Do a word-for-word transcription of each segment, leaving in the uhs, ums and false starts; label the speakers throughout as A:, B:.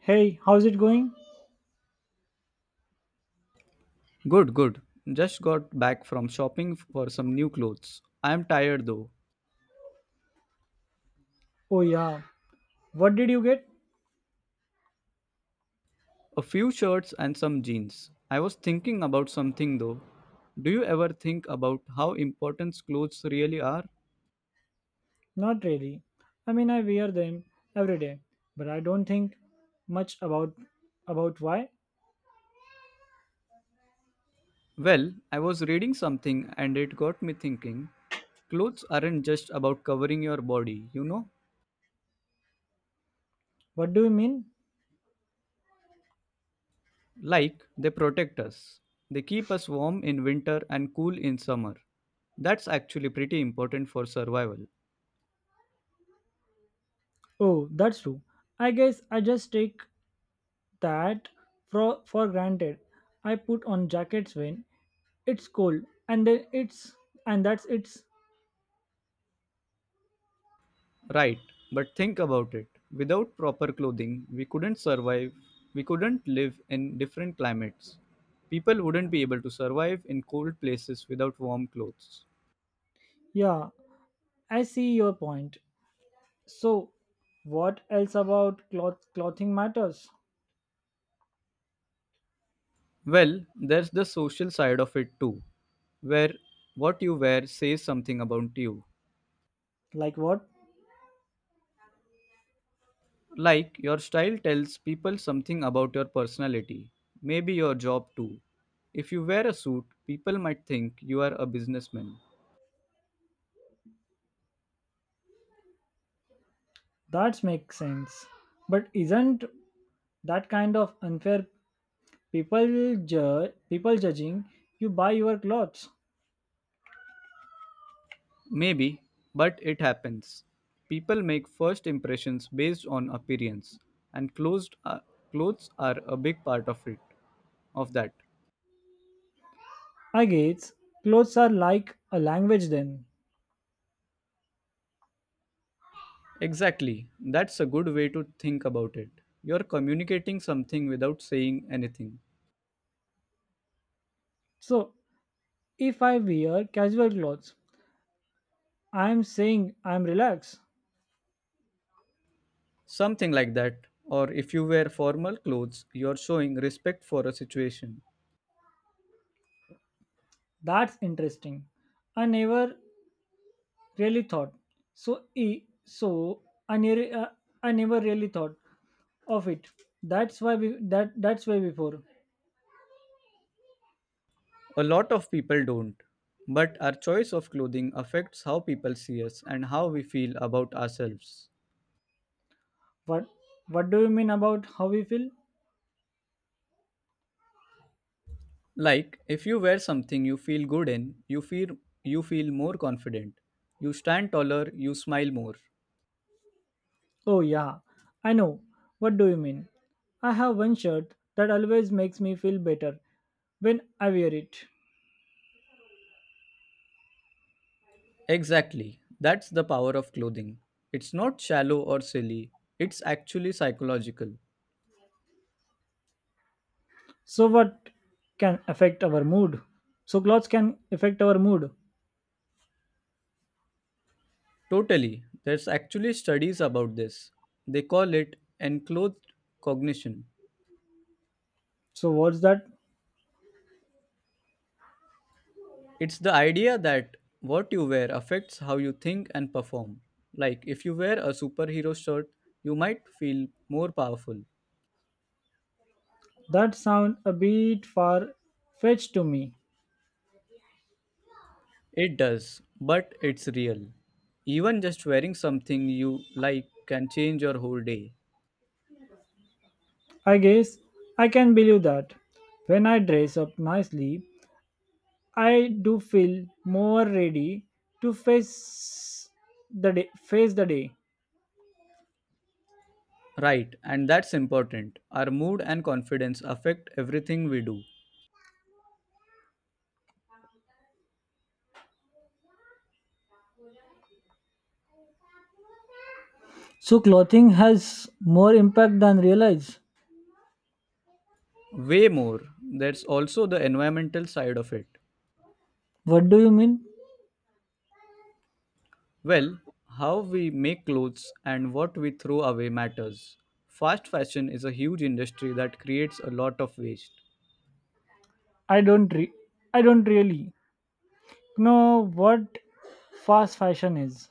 A: Hey, how's it going?
B: Good, good. Just got back from shopping for some new clothes. I am tired though.
A: Oh, yeah. What did you get?
B: A few shirts and some jeans. I was thinking about something though. Do you ever think about how important clothes really are?
A: Not really. I mean, I wear them every day, but I don't think much about about why.
B: Well, I was reading something and it got me thinking. Clothes aren't just about covering your body, you know?
A: What do you mean?
B: Like, they protect us. They keep us warm in winter and cool in summer. That's actually pretty important for survival.
A: Oh, that's true. I guess I just take that for for granted. I put on jackets when it's cold, and then it's and that's it's.
B: Right, but think about it. Without proper clothing, we couldn't survive, we couldn't live in different climates. People wouldn't be able to survive in cold places without warm clothes.
A: Yeah, I see your point. So, what else about cloth clothing matters?
B: Well, there's the social side of it too, where what you wear says something about you.
A: Like what?
B: Like, your style tells people something about your personality, maybe your job too. If you wear a suit, people might think you are a businessman.
A: That makes sense. But isn't that kind of unfair? People judge people judging you by your clothes.
B: Maybe, but it happens. People make first impressions based on appearance, and closed, uh, clothes are a big part of it. Of that,
A: I guess clothes are like a language then.
B: exactly. That's a good way to think about it. You're communicating something without saying anything,
A: So if I wear casual clothes, I am saying I am relaxed.
B: something like that. Or if you wear formal clothes, you're showing respect for a situation.
A: That's interesting. I never really thought. So e so I never uh, I never really thought of it. That's why we that that's why before.
B: A lot of people don't, but our choice of clothing affects how people see us and how we feel about ourselves.
A: What what do you mean about how we feel?
B: Like if you wear something you feel good in, you feel you feel more confident. You stand taller, you smile more.
A: Oh, yeah, I know. What do you mean? I have one shirt that always makes me feel better when I wear it.
B: Exactly. That's the power of clothing. It's not shallow or silly. It's actually psychological.
A: So, what can affect our mood? So, clothes can affect our mood.
B: Totally. There's actually studies about this. They call it enclothed cognition.
A: So, what's that?
B: It's the idea that what you wear affects how you think and perform. Like if you wear a superhero shirt, you might feel more powerful.
A: That sound a bit far fetched to me.
B: It does, but it's real. Even just wearing something you like can change your whole day.
A: I guess I can believe that. When I dress up nicely, I do feel more ready to face the day, face the day.
B: Right, and that's important. Our mood and confidence affect everything we do.
A: So clothing has more impact than realize.
B: Way more, there's also the environmental side of it.
A: What do you mean?
B: Well, how we make clothes and what we throw away matters. Fast fashion is a huge industry that creates a lot of waste.
A: I don't re- I don't really know what fast fashion is.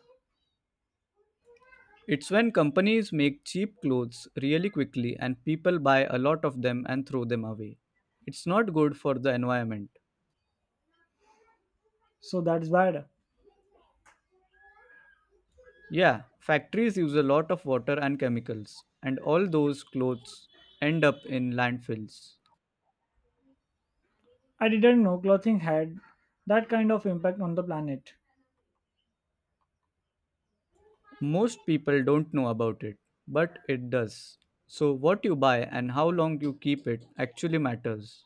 B: It's when companies make cheap clothes really quickly and people buy a lot of them and throw them away. It's not good for the environment.
A: So that's bad.
B: Yeah, factories use a lot of water and chemicals, and all those clothes end up in landfills.
A: I didn't know clothing had that kind of impact on the planet.
B: Most people don't know about it, but it does. So, what you buy and how long you keep it actually matters.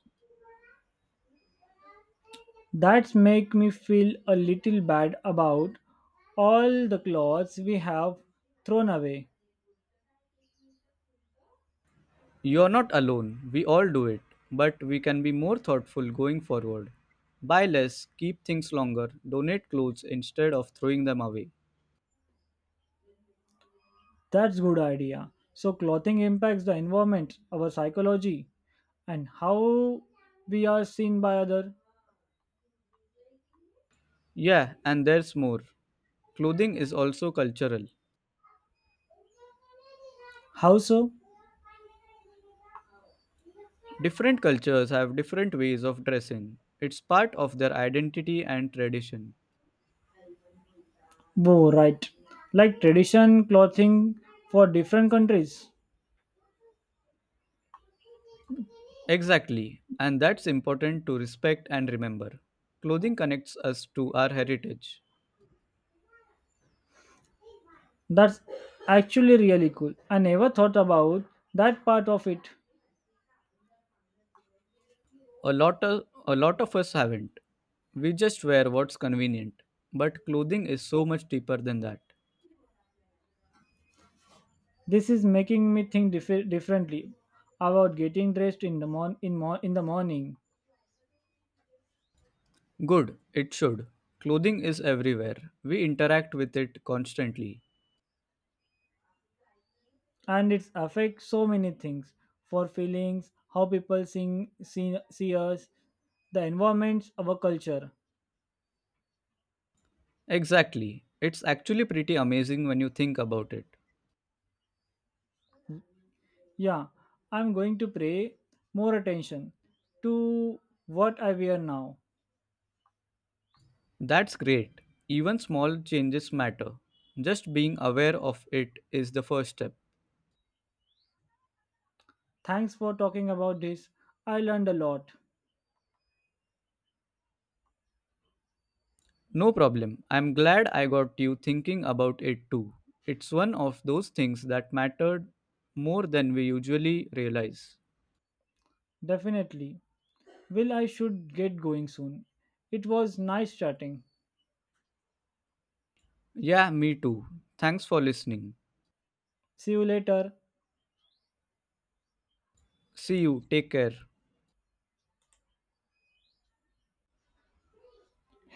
A: That's make me feel a little bad about all the clothes we have thrown away.
B: You're not alone. We all do it. But we can be more thoughtful going forward. Buy less, keep things longer, donate clothes instead of throwing them away.
A: That's good idea. So clothing impacts the environment, our psychology and how we are seen by other.
B: Yeah, and there's more. Clothing is also cultural.
A: How so?
B: Different cultures have different ways of dressing, it's part of their identity and tradition.
A: Bo, right. Like tradition clothing for different countries.
B: Exactly, and that's important to respect and remember. Clothing connects us to our heritage.
A: That's actually really cool. I never thought about that part of it.
B: A lot of a lot of us haven't. We just wear what's convenient. But clothing is so much deeper than that.
A: This is making me think dif- differently about getting dressed in the mon- in, mo- in the morning,
B: Good, it should. Clothing is everywhere. We interact with it constantly.
A: and it affects so many things. For feelings, how people sing, see, see us, the environments, our culture.
B: Exactly. It's actually pretty amazing when you think about it.
A: Yeah, I'm going to pay more attention to what I wear now.
B: That's great. Even small changes matter. Just being aware of it is the first step.
A: Thanks for talking about this. I learned a lot.
B: No problem. I'm glad I got you thinking about it too. It's one of those things that mattered more than we usually realize.
A: Definitely. Well, I should get going soon. It was nice chatting.
B: Yeah, me too. Thanks for listening.
A: See you later.
B: See you. Take care.